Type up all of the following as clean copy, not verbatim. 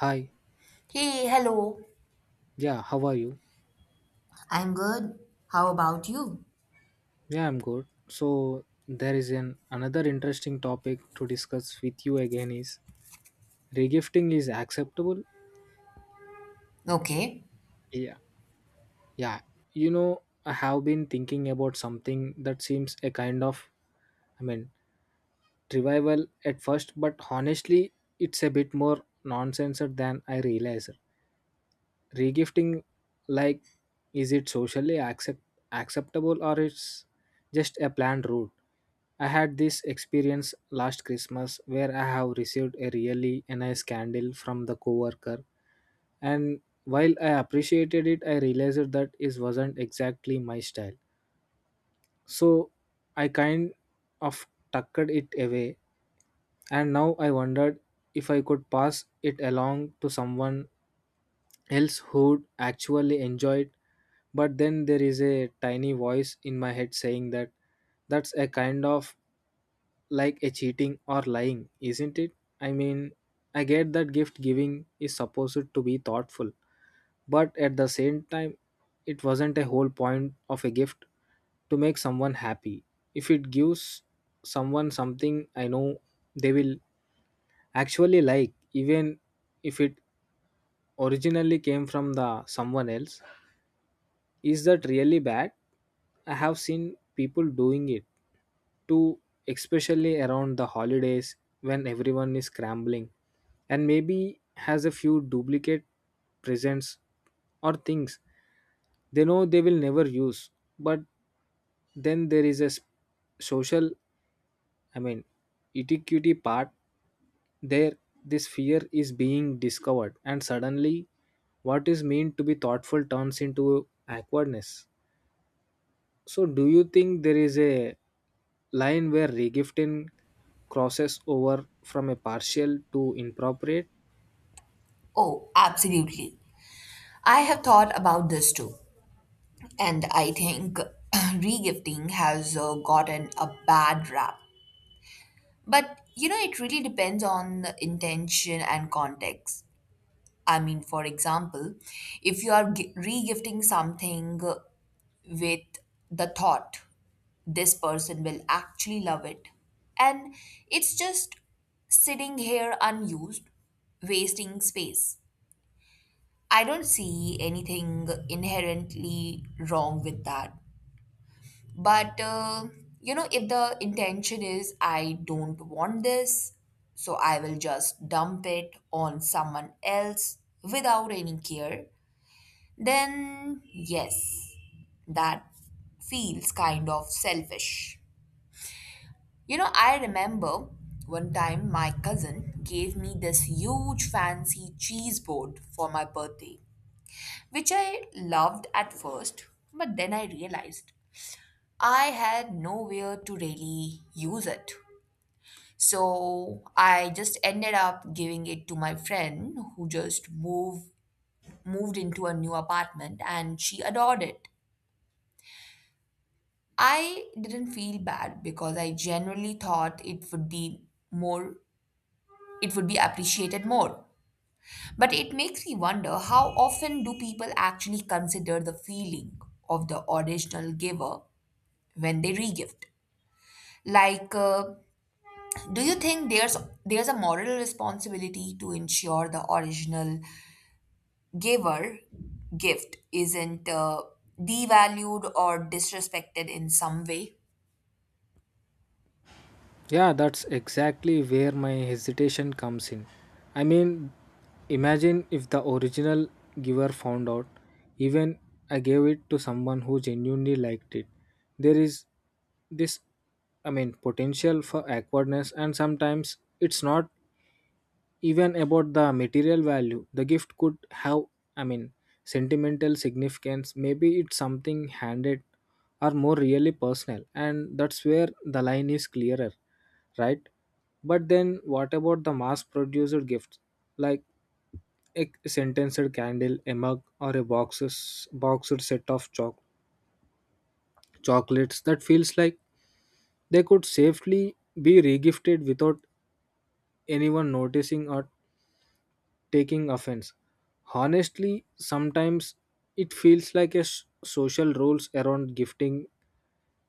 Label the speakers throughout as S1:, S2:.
S1: Hi.
S2: Hey, hello.
S1: Yeah, how are you?
S2: I'm good. How about you?
S1: Yeah, I'm good. So there is an another interesting topic to discuss with you again is regifting is acceptable?
S2: Okay.
S1: Yeah. Yeah. You know, I have been thinking about something that seems a kind of I mean revival at first, but honestly it's a bit more nonsense than I realized. Regifting, like, is it socially acceptable or it's just a planned route? I had this experience last Christmas where I have received a really nice candle from the coworker, and while I appreciated it I realized that it wasn't exactly my style. So I kind of tucked it away and now I wondered if I could pass it along to someone else who'd actually enjoy it, but then there is a tiny voice in my head saying that that's a kind of like a cheating or lying, isn't it? I mean, I get that gift giving is supposed to be thoughtful, but at the same time, it wasn't a whole point of a gift to make someone happy. If it gives someone something I know they will actually like, even if it originally came from the someone else, is that really bad? I have seen people doing it too, especially around the holidays when everyone is scrambling and maybe has a few duplicate presents or things they know they will never use. But then there is a social, I mean, etiquette part there. This fear is being discovered, and suddenly, what is meant to be thoughtful turns into awkwardness. So, do you think there is a line where regifting crosses over from a partial to inappropriate?
S2: Oh, absolutely. I have thought about this too, and I think regifting has gotten a bad rap. But you know, it really depends on the intention and context. I mean, for example, if you are regifting something with the thought this person will actually love it. And it's just sitting here unused, wasting space. I don't see anything inherently wrong with that. But, you know, if the intention is I don't want this, so I will just dump it on someone else without any care, then yes, that feels kind of selfish. You know, I remember one time my cousin gave me this huge fancy cheese board for my birthday, which I loved at first, but then I realized I had nowhere to really use it. So I just ended up giving it to my friend who just moved into a new apartment and she adored it. I didn't feel bad because I generally thought it would be more it would be appreciated more. But it makes me wonder how often do people actually consider the feeling of the original giver when they regift? Like, do you think there's a moral responsibility to ensure the original giver gift isn't devalued or disrespected in some way?
S1: Yeah, that's exactly where my hesitation comes in. I mean, imagine if the original giver found out, even I gave it to someone who genuinely liked it. There is this, I mean, potential for awkwardness, and sometimes it's not even about the material value the gift could have. I mean sentimental significance, maybe it's something handed or more really personal, and that's where the line is clearer, right? But then what about the mass produced gifts like a scented candle, a mug, or a box or set of chocolates that feels like they could safely be regifted without anyone noticing or taking offense. Honestly, sometimes it feels like a social rules around gifting.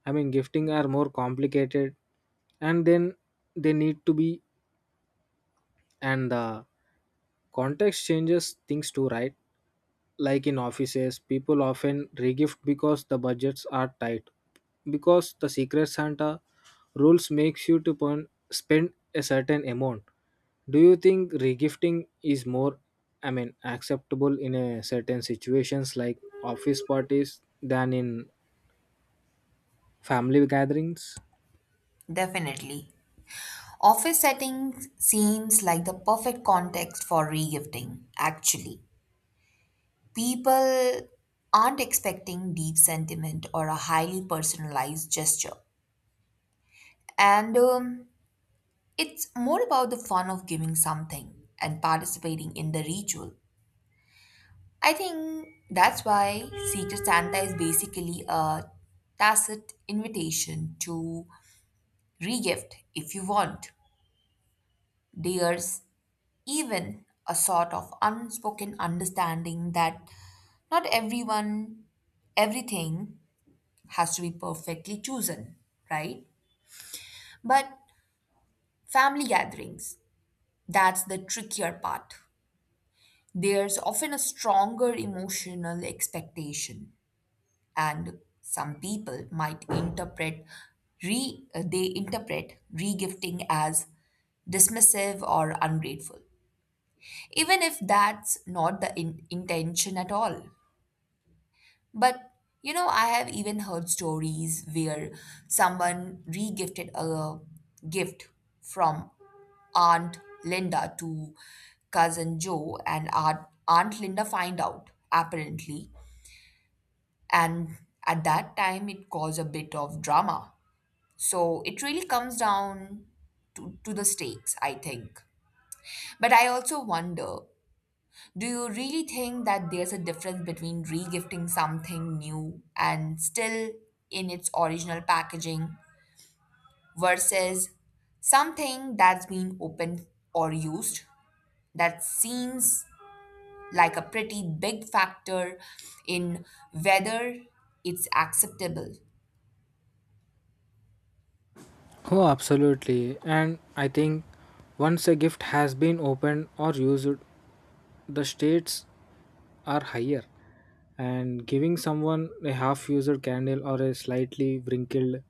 S1: I mean, gifting are more complicated, and then they need to be, and the context changes things too, right? Like in offices, people often regift because the budgets are tight. Because the secret Santa rules makes you to spend a certain amount. Do you think regifting is more, I mean, acceptable in a certain situations like office parties than in family gatherings?
S2: Definitely. Office settings seems like the perfect context for regifting, actually. People aren't expecting deep sentiment or a highly personalized gesture. And It's more about the fun of giving something and participating in the ritual. I think that's why Secret Santa is basically a tacit invitation to regift if you want. There's even a sort of unspoken understanding that not everyone, everything has to be perfectly chosen, right? But family gatherings, that's the trickier part. There's often a stronger emotional expectation, and some people might interpret re they interpret regifting as dismissive or ungrateful, even if that's not the intention at all. But you know, I have even heard stories where someone regifted a gift from Aunt Linda to cousin Joe, and Aunt Linda find out apparently, and at that time it caused a bit of drama. So it really comes down to the stakes, I think. But I also wonder do you really think that there's a difference between regifting something new and still in its original packaging versus something that's been opened or used? That seems like a pretty big factor in whether it's acceptable.
S1: Oh, absolutely. And I think once a gift has been opened or used, the states are higher. And giving someone a half used candle or a slightly wrinkled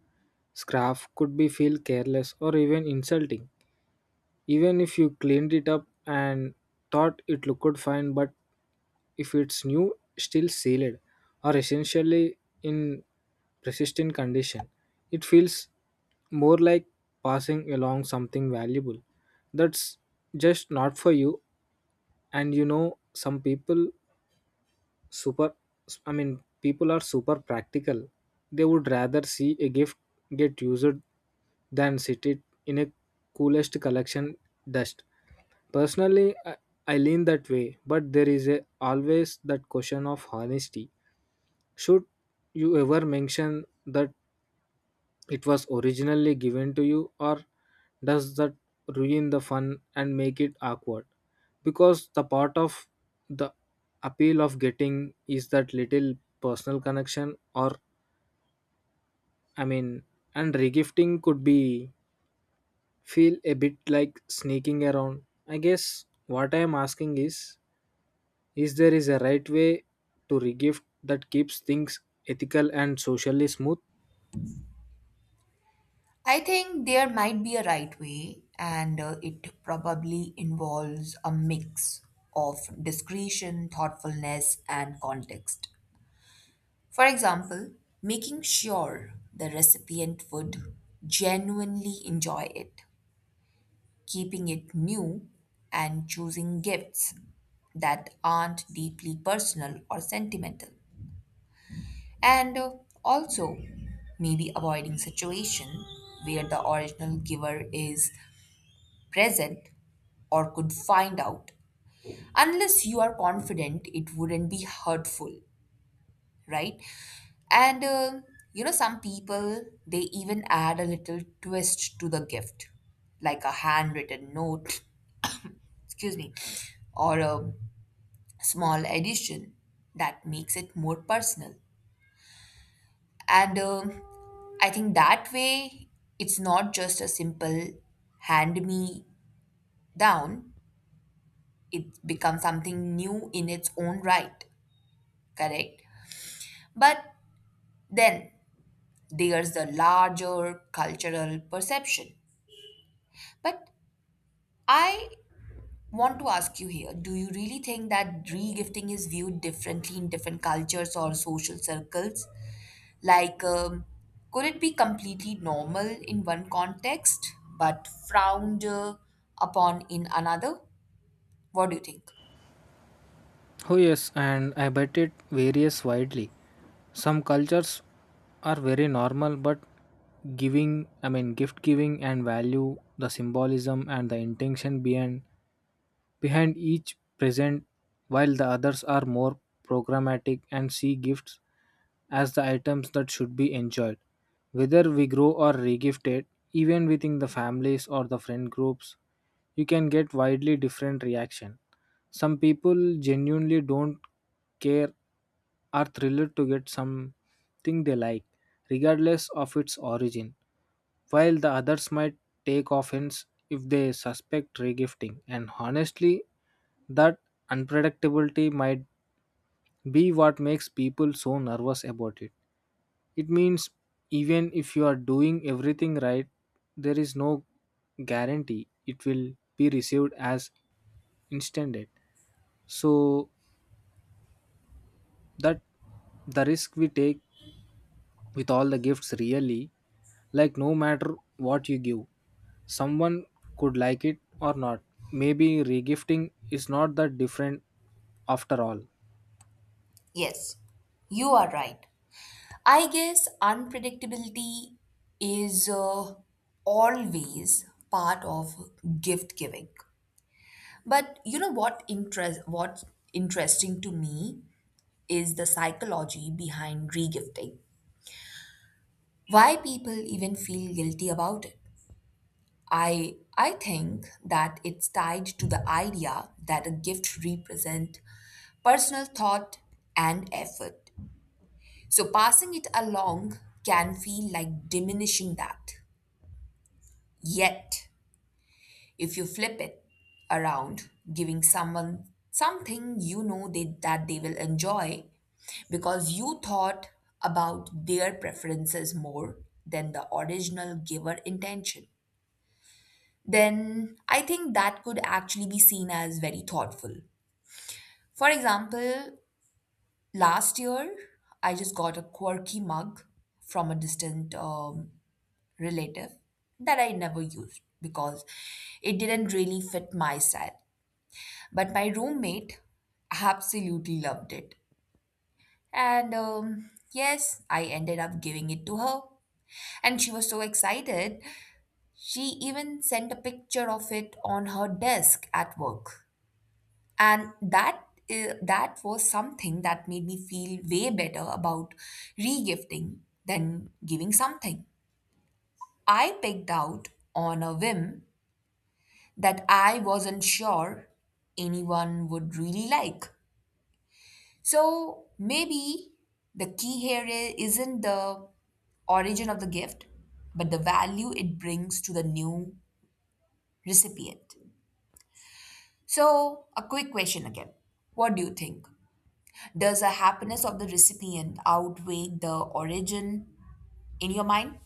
S1: scarf could be feel careless or even insulting. Even if you cleaned it up and thought it looked fine, but if it's new, still sealed or essentially in persistent condition, it feels more like passing along something valuable that's just not for you. And you know, some people super, I mean, people are super practical, they would rather see a gift get used than sit it in a coolest collection dust. Personally, I lean that way, but there is a, always that question of honesty. Should you ever mention that it was originally given to you, or does that ruin the fun and make it awkward? Because the part of the appeal of getting is that little personal connection, or I mean, and regifting could be feel a bit like sneaking around. I guess what I am asking is there is a right way to regift that keeps things ethical and socially smooth?
S2: I think there might be a right way, and it probably involves a mix of discretion, thoughtfulness, and context. For example, making sure the recipient would genuinely enjoy it, keeping it new, and choosing gifts that aren't deeply personal or sentimental. And Also, maybe avoiding situation where the original giver is present or could find out unless you are confident it wouldn't be hurtful, right? And You know, some people they even add a little twist to the gift, like a handwritten note, excuse me, or a small edition that makes it more personal. And I think that way it's not just a simple hand me down, it becomes something new in its own right, correct? But then there's the larger cultural perception. But I want to ask you here, do you really think that regifting is viewed differently in different cultures or social circles? Like, could it be completely normal in one context but frowned upon in another? What do you think?
S1: Oh yes, and I bet it varies widely. Some cultures are very normal but giving, I mean, gift giving and value the symbolism and the intention behind each present, while the others are more programmatic and see gifts as the items that should be enjoyed. Whether we grow or regifted, even within the families or the friend groups, you can get widely different reaction. Some people genuinely don't care, are thrilled to get something they like, regardless of its origin, while the others might take offense if they suspect regifting. And honestly, that unpredictability might be what makes people so nervous about it. It means even if you are doing everything right, there is no guarantee it will be received as intended. So that the risk we take with all the gifts really, like no matter what you give, someone could like it or not. Maybe regifting is not that different after all.
S2: Yes, you are right. I guess unpredictability is always part of gift giving. But you know what's interesting to me is the psychology behind regifting. Why people even feel guilty about it. I think that it's tied to the idea that a gift represents personal thought and effort. So passing it along can feel like diminishing that. Yet if you flip it around, giving someone something you know that they will enjoy because you thought about their preferences more than the original giver intention, then I think that could actually be seen as very thoughtful. For example, last year I just got a quirky mug from a distant relative that I never used because it didn't really fit my style. But my roommate absolutely loved it. And Yes, I ended up giving it to her. And she was so excited, she even sent a picture of it on her desk at work. And that was something that made me feel way better about regifting than giving something I picked out on a whim that I wasn't sure anyone would really like. So maybe the key here isn't the origin of the gift, but the value it brings to the new recipient. So, a quick question again. What do you think? Does the happiness of the recipient outweigh the origin in your mind?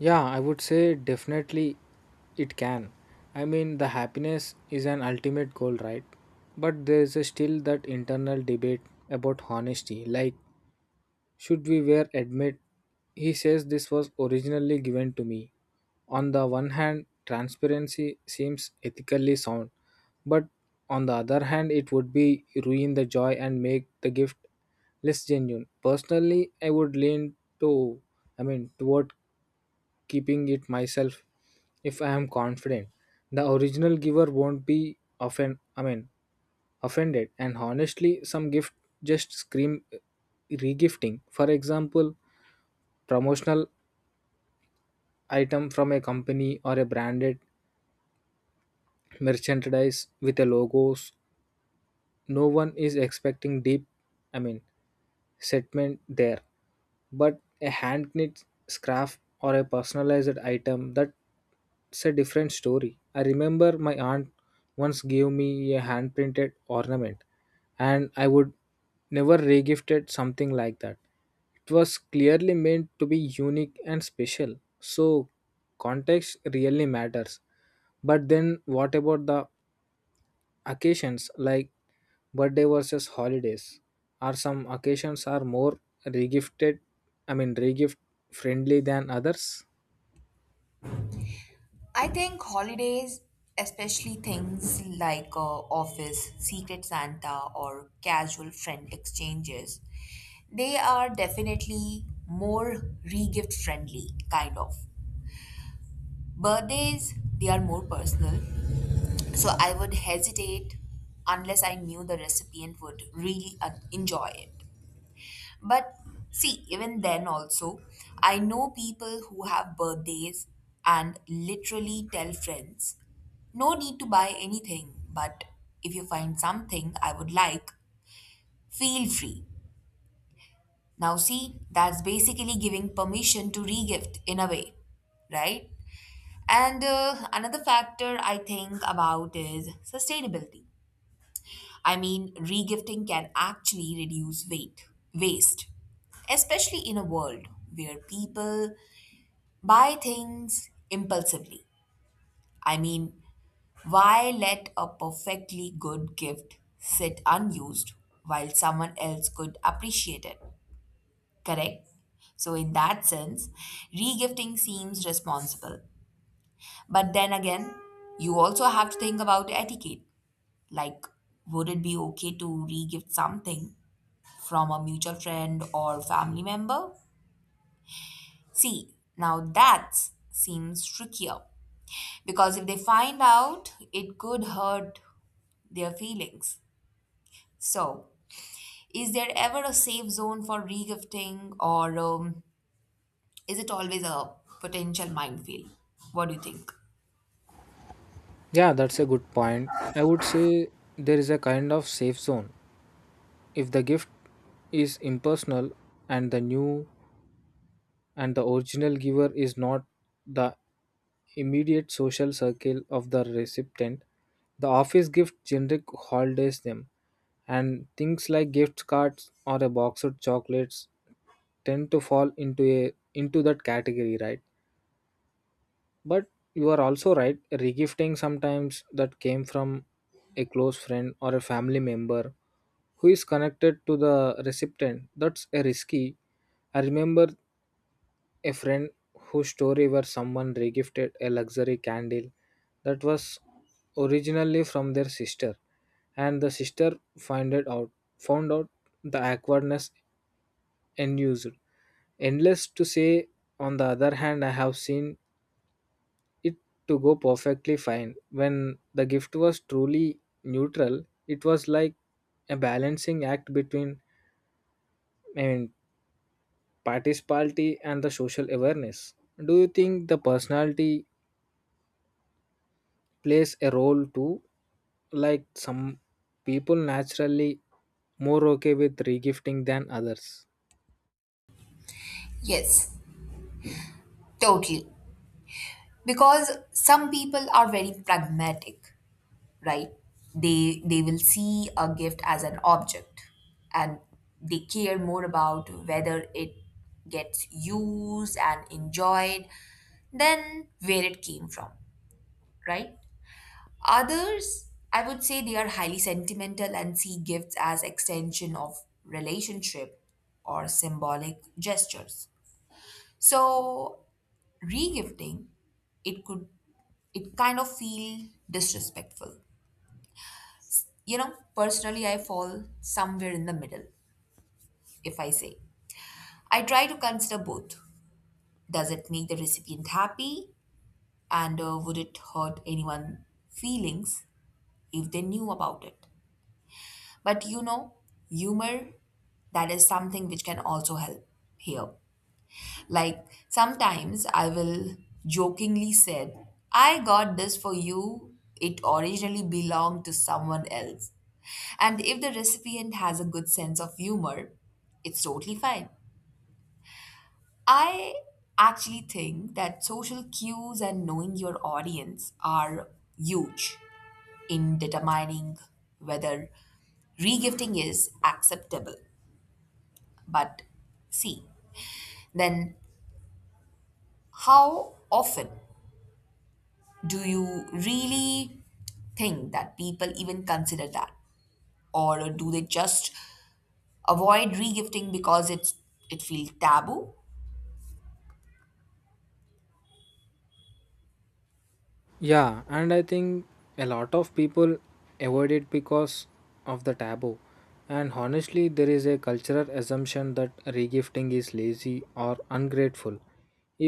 S1: Yeah, I would say definitely it can. I mean, the happiness is an ultimate goal, right? But there is still that internal debate about honesty. Like, should we wear admit? He says this was originally given to me. On the one hand, transparency seems ethically sound, but on the other hand, it would be ruin the joy and make the gift less genuine. Personally, I would lean to, I mean, toward keeping it myself if I am confident. The original giver won't be offend, I mean, offended. And honestly, some gift just scream regifting. For example, promotional item from a company or a branded merchandise with a logos, no one is expecting deep, I mean, settlement there. But a hand knit scarf or a personalized item, that's a different story. I remember my aunt once gave me a hand printed ornament, and I would never regifted something like that. It was clearly meant to be unique and special, so context really matters. But then what about the occasions like birthday versus holidays, are some occasions are more regifted, I mean, regift friendly than others?
S2: I think holidays, especially things like office, secret Santa, or casual friend exchanges, they are definitely more re-gift friendly, kind of. Birthdays, they are more personal, so I would hesitate unless I knew the recipient would really enjoy it. But see, even then, also, I know people who have birthdays and literally tell friends, no need to buy anything, but if you find something I would like, feel free. Now, see, that's basically giving permission to regift in a way, right? And Another factor I think about is sustainability. I mean, regifting can actually waste, especially in a world where people buy things impulsively. I mean, why let a perfectly good gift sit unused while someone else could appreciate it? Correct? So, in that sense, regifting seems responsible. But then again, you also have to think about etiquette. Like, would it be okay to regift something from a mutual friend or family member? See, now that seems trickier because if they find out, it could hurt their feelings. So, is there ever a safe zone for regifting or is it always a potential minefield? What do you think?
S1: Yeah, that's a good point. I would say there is a kind of safe zone if the gift is impersonal and the new and the original giver is not the immediate social circle of the recipient. The office gift generic holidays them, and things like gift cards or a box of chocolates tend to fall into a into that category, right? But you are also right. Regifting sometimes that came from a close friend or a family member who is connected to the recipient. That's a risky. I remember a friend whose story where someone regifted a luxury candle that was originally from their sister, and the sister found it out found out the awkwardness unused endless to say. On the other hand, I have seen it to go perfectly fine when the gift was truly neutral. It was like a balancing act between, I mean, participality and the social awareness. Do you think the personality plays a role too, like some people naturally more okay with regifting than others?
S2: Yes, totally. Because some people are very pragmatic, right? They will see a gift as an object, and they care more about whether it gets used and enjoyed than where it came from, right? Others I would say they are highly sentimental and see gifts as extension of relationship or symbolic gestures. So regifting, it could it kind of feel disrespectful. You know, personally, I fall somewhere in the middle, if I say. I try to consider both. Does it make the recipient happy? And would it hurt anyone's feelings if they knew about it? But you know, humor, that is something which can also help here. Like sometimes I will jokingly said, I got this for you. It originally belonged to someone else. And if the recipient has a good sense of humor, it's totally fine. I actually think that social cues and knowing your audience are huge in determining whether regifting is acceptable. But see, then how often do you really think that people even consider that? Or do they just avoid regifting because it feels taboo?
S1: Yeah, and I think a lot of people avoid it because of the taboo. And honestly, there is a cultural assumption that regifting is lazy or ungrateful,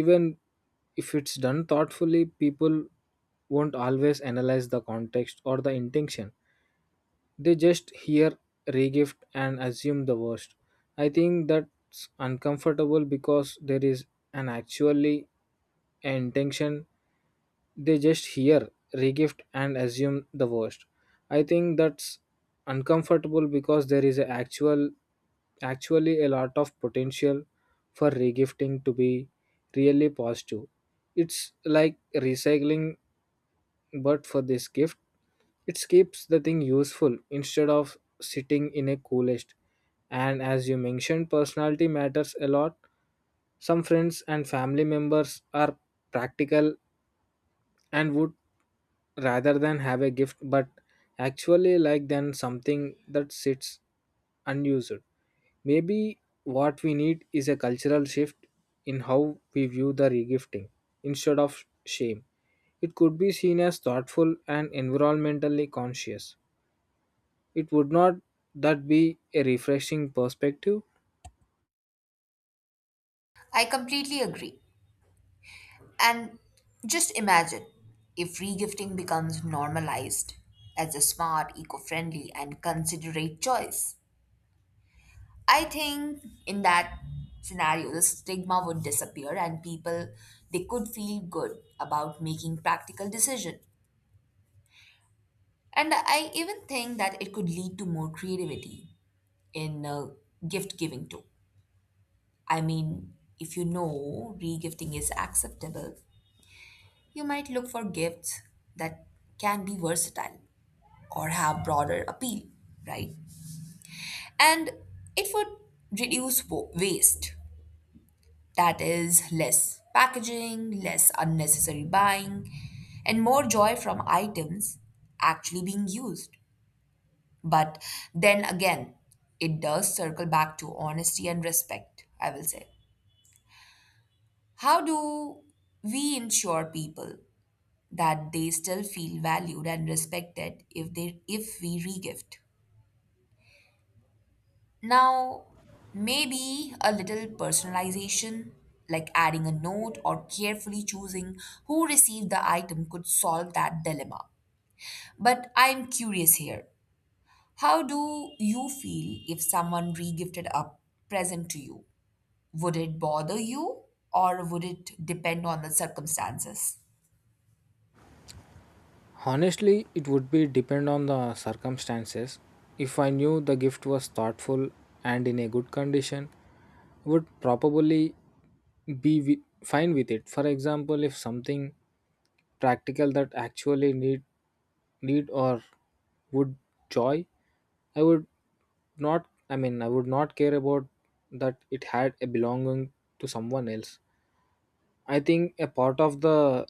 S1: even if it's done thoughtfully. People won't always analyze the context or the intention. They just hear regift and assume the worst. I think that's uncomfortable because there is an actually intention. They just hear regift and assume the worst. I think that's uncomfortable because there is a actually a lot of potential for regifting to be really positive. It's like recycling but for this gift, it keeps the thing useful instead of sitting in a coolest. And as you mentioned, personality matters a lot. Some friends and family members are practical and would rather than have a gift but actually like than something that sits unused. Maybe what we need is a cultural shift in how we view the regifting instead of shame. It could be seen as thoughtful and environmentally conscious. It would not that be a refreshing perspective?
S2: I completely agree. And just imagine if regifting becomes normalized as a smart, eco-friendly and considerate choice. I think in that scenario the stigma would disappear and people they could feel good about making practical decisions. And I even think that it could lead to more creativity in gift giving too. I mean, if you know regifting is acceptable, you might look for gifts that can be versatile or have broader appeal, right? And it would reduce waste. That is less packaging, less unnecessary buying, and more joy from items actually being used. But then again, it does circle back to honesty and respect, I will say. How do we ensure people that they still feel valued and respected if we regift? Now, maybe a little personalization, like adding a note or carefully choosing who received the item could solve that dilemma. But I'm curious here. How do you feel if someone regifted a present to you? Would it bother you or would it depend on the circumstances?
S1: Honestly, it would be depend on the circumstances. If I knew the gift was thoughtful and in a good condition, would probably be fine with it. For example, if something practical that actually need or would joy, I would not, I mean, I would not care about that it had a belonging to someone else. I think a part of the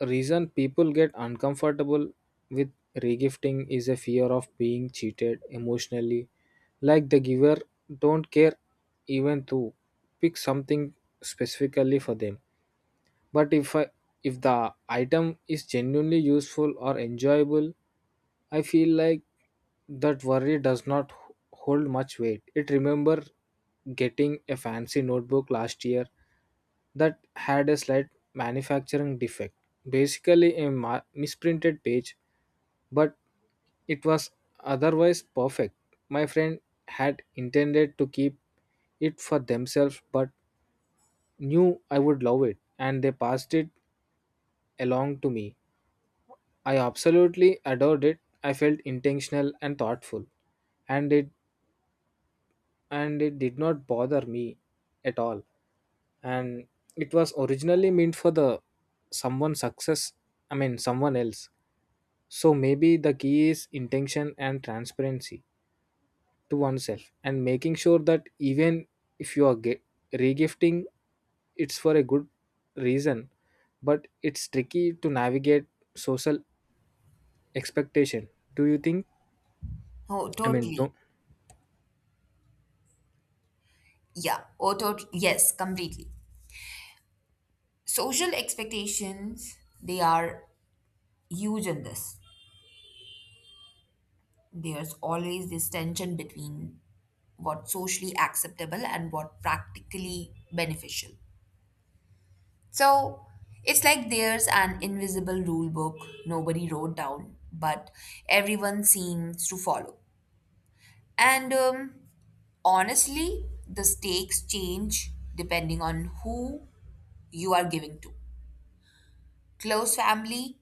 S1: reason people get uncomfortable with regifting is a fear of being cheated emotionally, like the giver don't care even to pick something specifically for them. But if the item is genuinely useful or enjoyable, I feel like that worry does not hold much weight. It remember getting a fancy notebook last year that had a slight manufacturing defect. Basically a misprinted page, but it was otherwise perfect. My friend had intended to keep it for themselves but knew I would love it and they passed it along to me. I absolutely adored it. I felt intentional and thoughtful, and it did not bother me at all. And it was originally meant for the someone success. I mean, someone else. So maybe the key is intention and transparency to oneself, and making sure that even if you are regifting, it's for a good reason. But it's tricky to navigate social expectation. Do you think?
S2: Oh,
S1: I mean,
S2: totally.
S1: don't.
S2: Yeah. Oh, totally. Yes, completely. Social expectations, they are huge in this. There's always this tension between what's socially acceptable and what practically beneficial. So it's like there's an invisible rule book nobody wrote down, but everyone seems to follow. And Honestly, the stakes change depending on who you are giving to. Close family,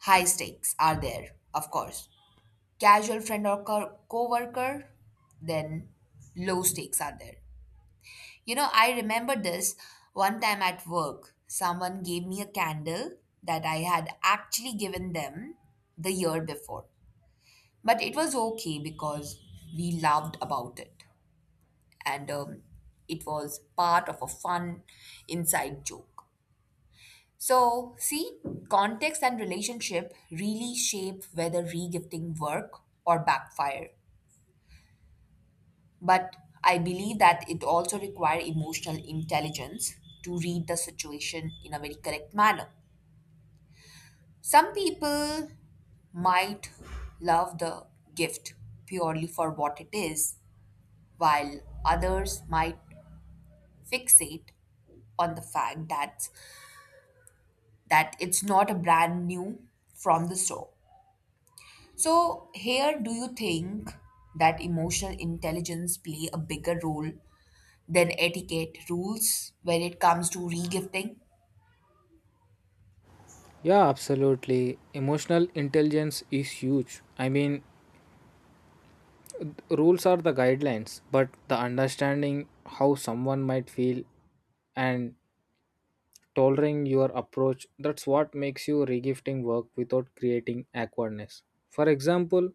S2: high stakes are there, of course. Casual friend or co worker, then low stakes are there. You know, I remember this one time at work, someone gave me a candle that I had actually given them the year before. But it was okay because we laughed about it, and it was part of a fun inside joke. So, see, context and relationship really shape whether regifting work or backfire. But I believe that it also requires emotional intelligence to read the situation in a very correct manner. Some people might love the gift purely for what it is, while others might fixate on the fact that it's not a brand new from the store. So here do you think that emotional intelligence play a bigger role than etiquette rules when it comes to regifting?
S1: Yeah, absolutely. Emotional intelligence is huge. I mean, rules are the guidelines, but the understanding how someone might feel and tolerating your approach, that's what makes you regifting work without creating awkwardness. For example,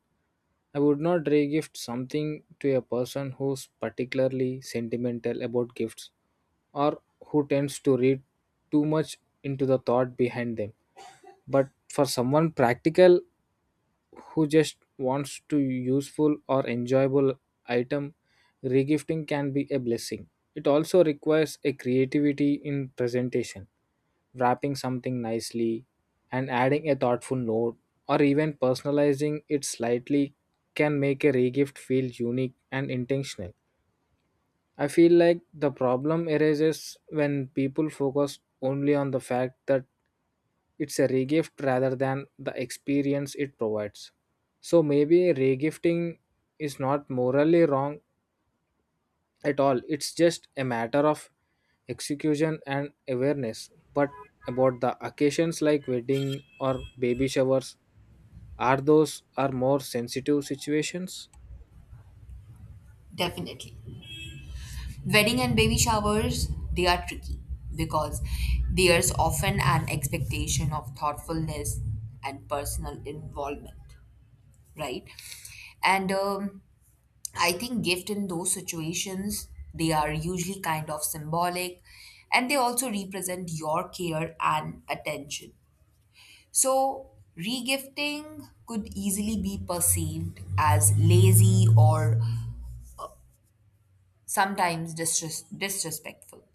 S1: I would not regift something to a person who's particularly sentimental about gifts or who tends to read too much into the thought behind them. But for someone practical who just wants to useful or enjoyable item, regifting can be a blessing. It also requires a creativity in presentation. Wrapping something nicely and adding a thoughtful note or even personalizing it slightly can make a regift feel unique and intentional. I feel like the problem arises when people focus only on the fact that it's a regift rather than the experience it provides. So maybe regifting is not morally wrong at all. It's just a matter of execution and awareness. But about the occasions like wedding or baby showers, are those are more sensitive situations?
S2: Definitely. Wedding and baby showers, they are tricky because there's often an expectation of thoughtfulness and personal involvement, right? And I think gift in those situations, they are usually kind of symbolic and they also represent your care and attention. So, regifting could easily be perceived as lazy or sometimes disrespectful.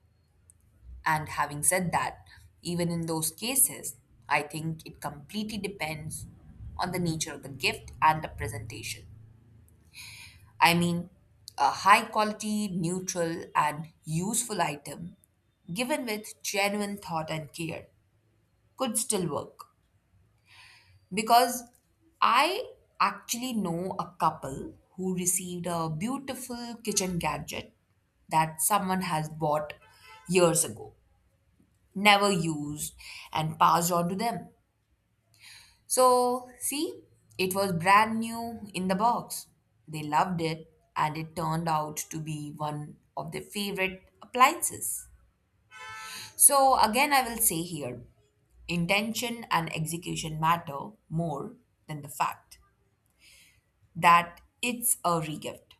S2: And having said that, even in those cases, I think it completely depends on the nature of the gift and the presentation. I mean, a high quality, neutral, and useful item given with genuine thought and care could still work. Because I actually know a couple who received a beautiful kitchen gadget that someone has bought years ago, never used, and passed on to them. So, see, it was brand new in the box. They loved it, and it turned out to be one of their favorite appliances. So, again, I will say here intention and execution matter more than the fact that it's a regift.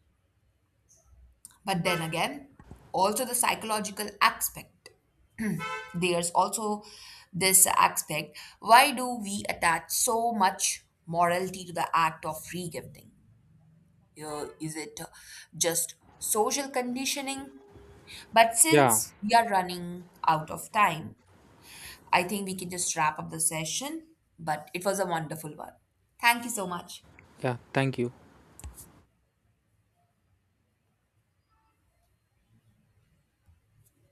S2: But then again, also the psychological aspect. There's also this aspect why do we attach so much morality to the act of regifting? Is it just social conditioning? But
S1: Yeah,
S2: since we are running out of time, I think we can just wrap up the session. But it was a wonderful one. Thank you so much.
S1: yeah, thank you.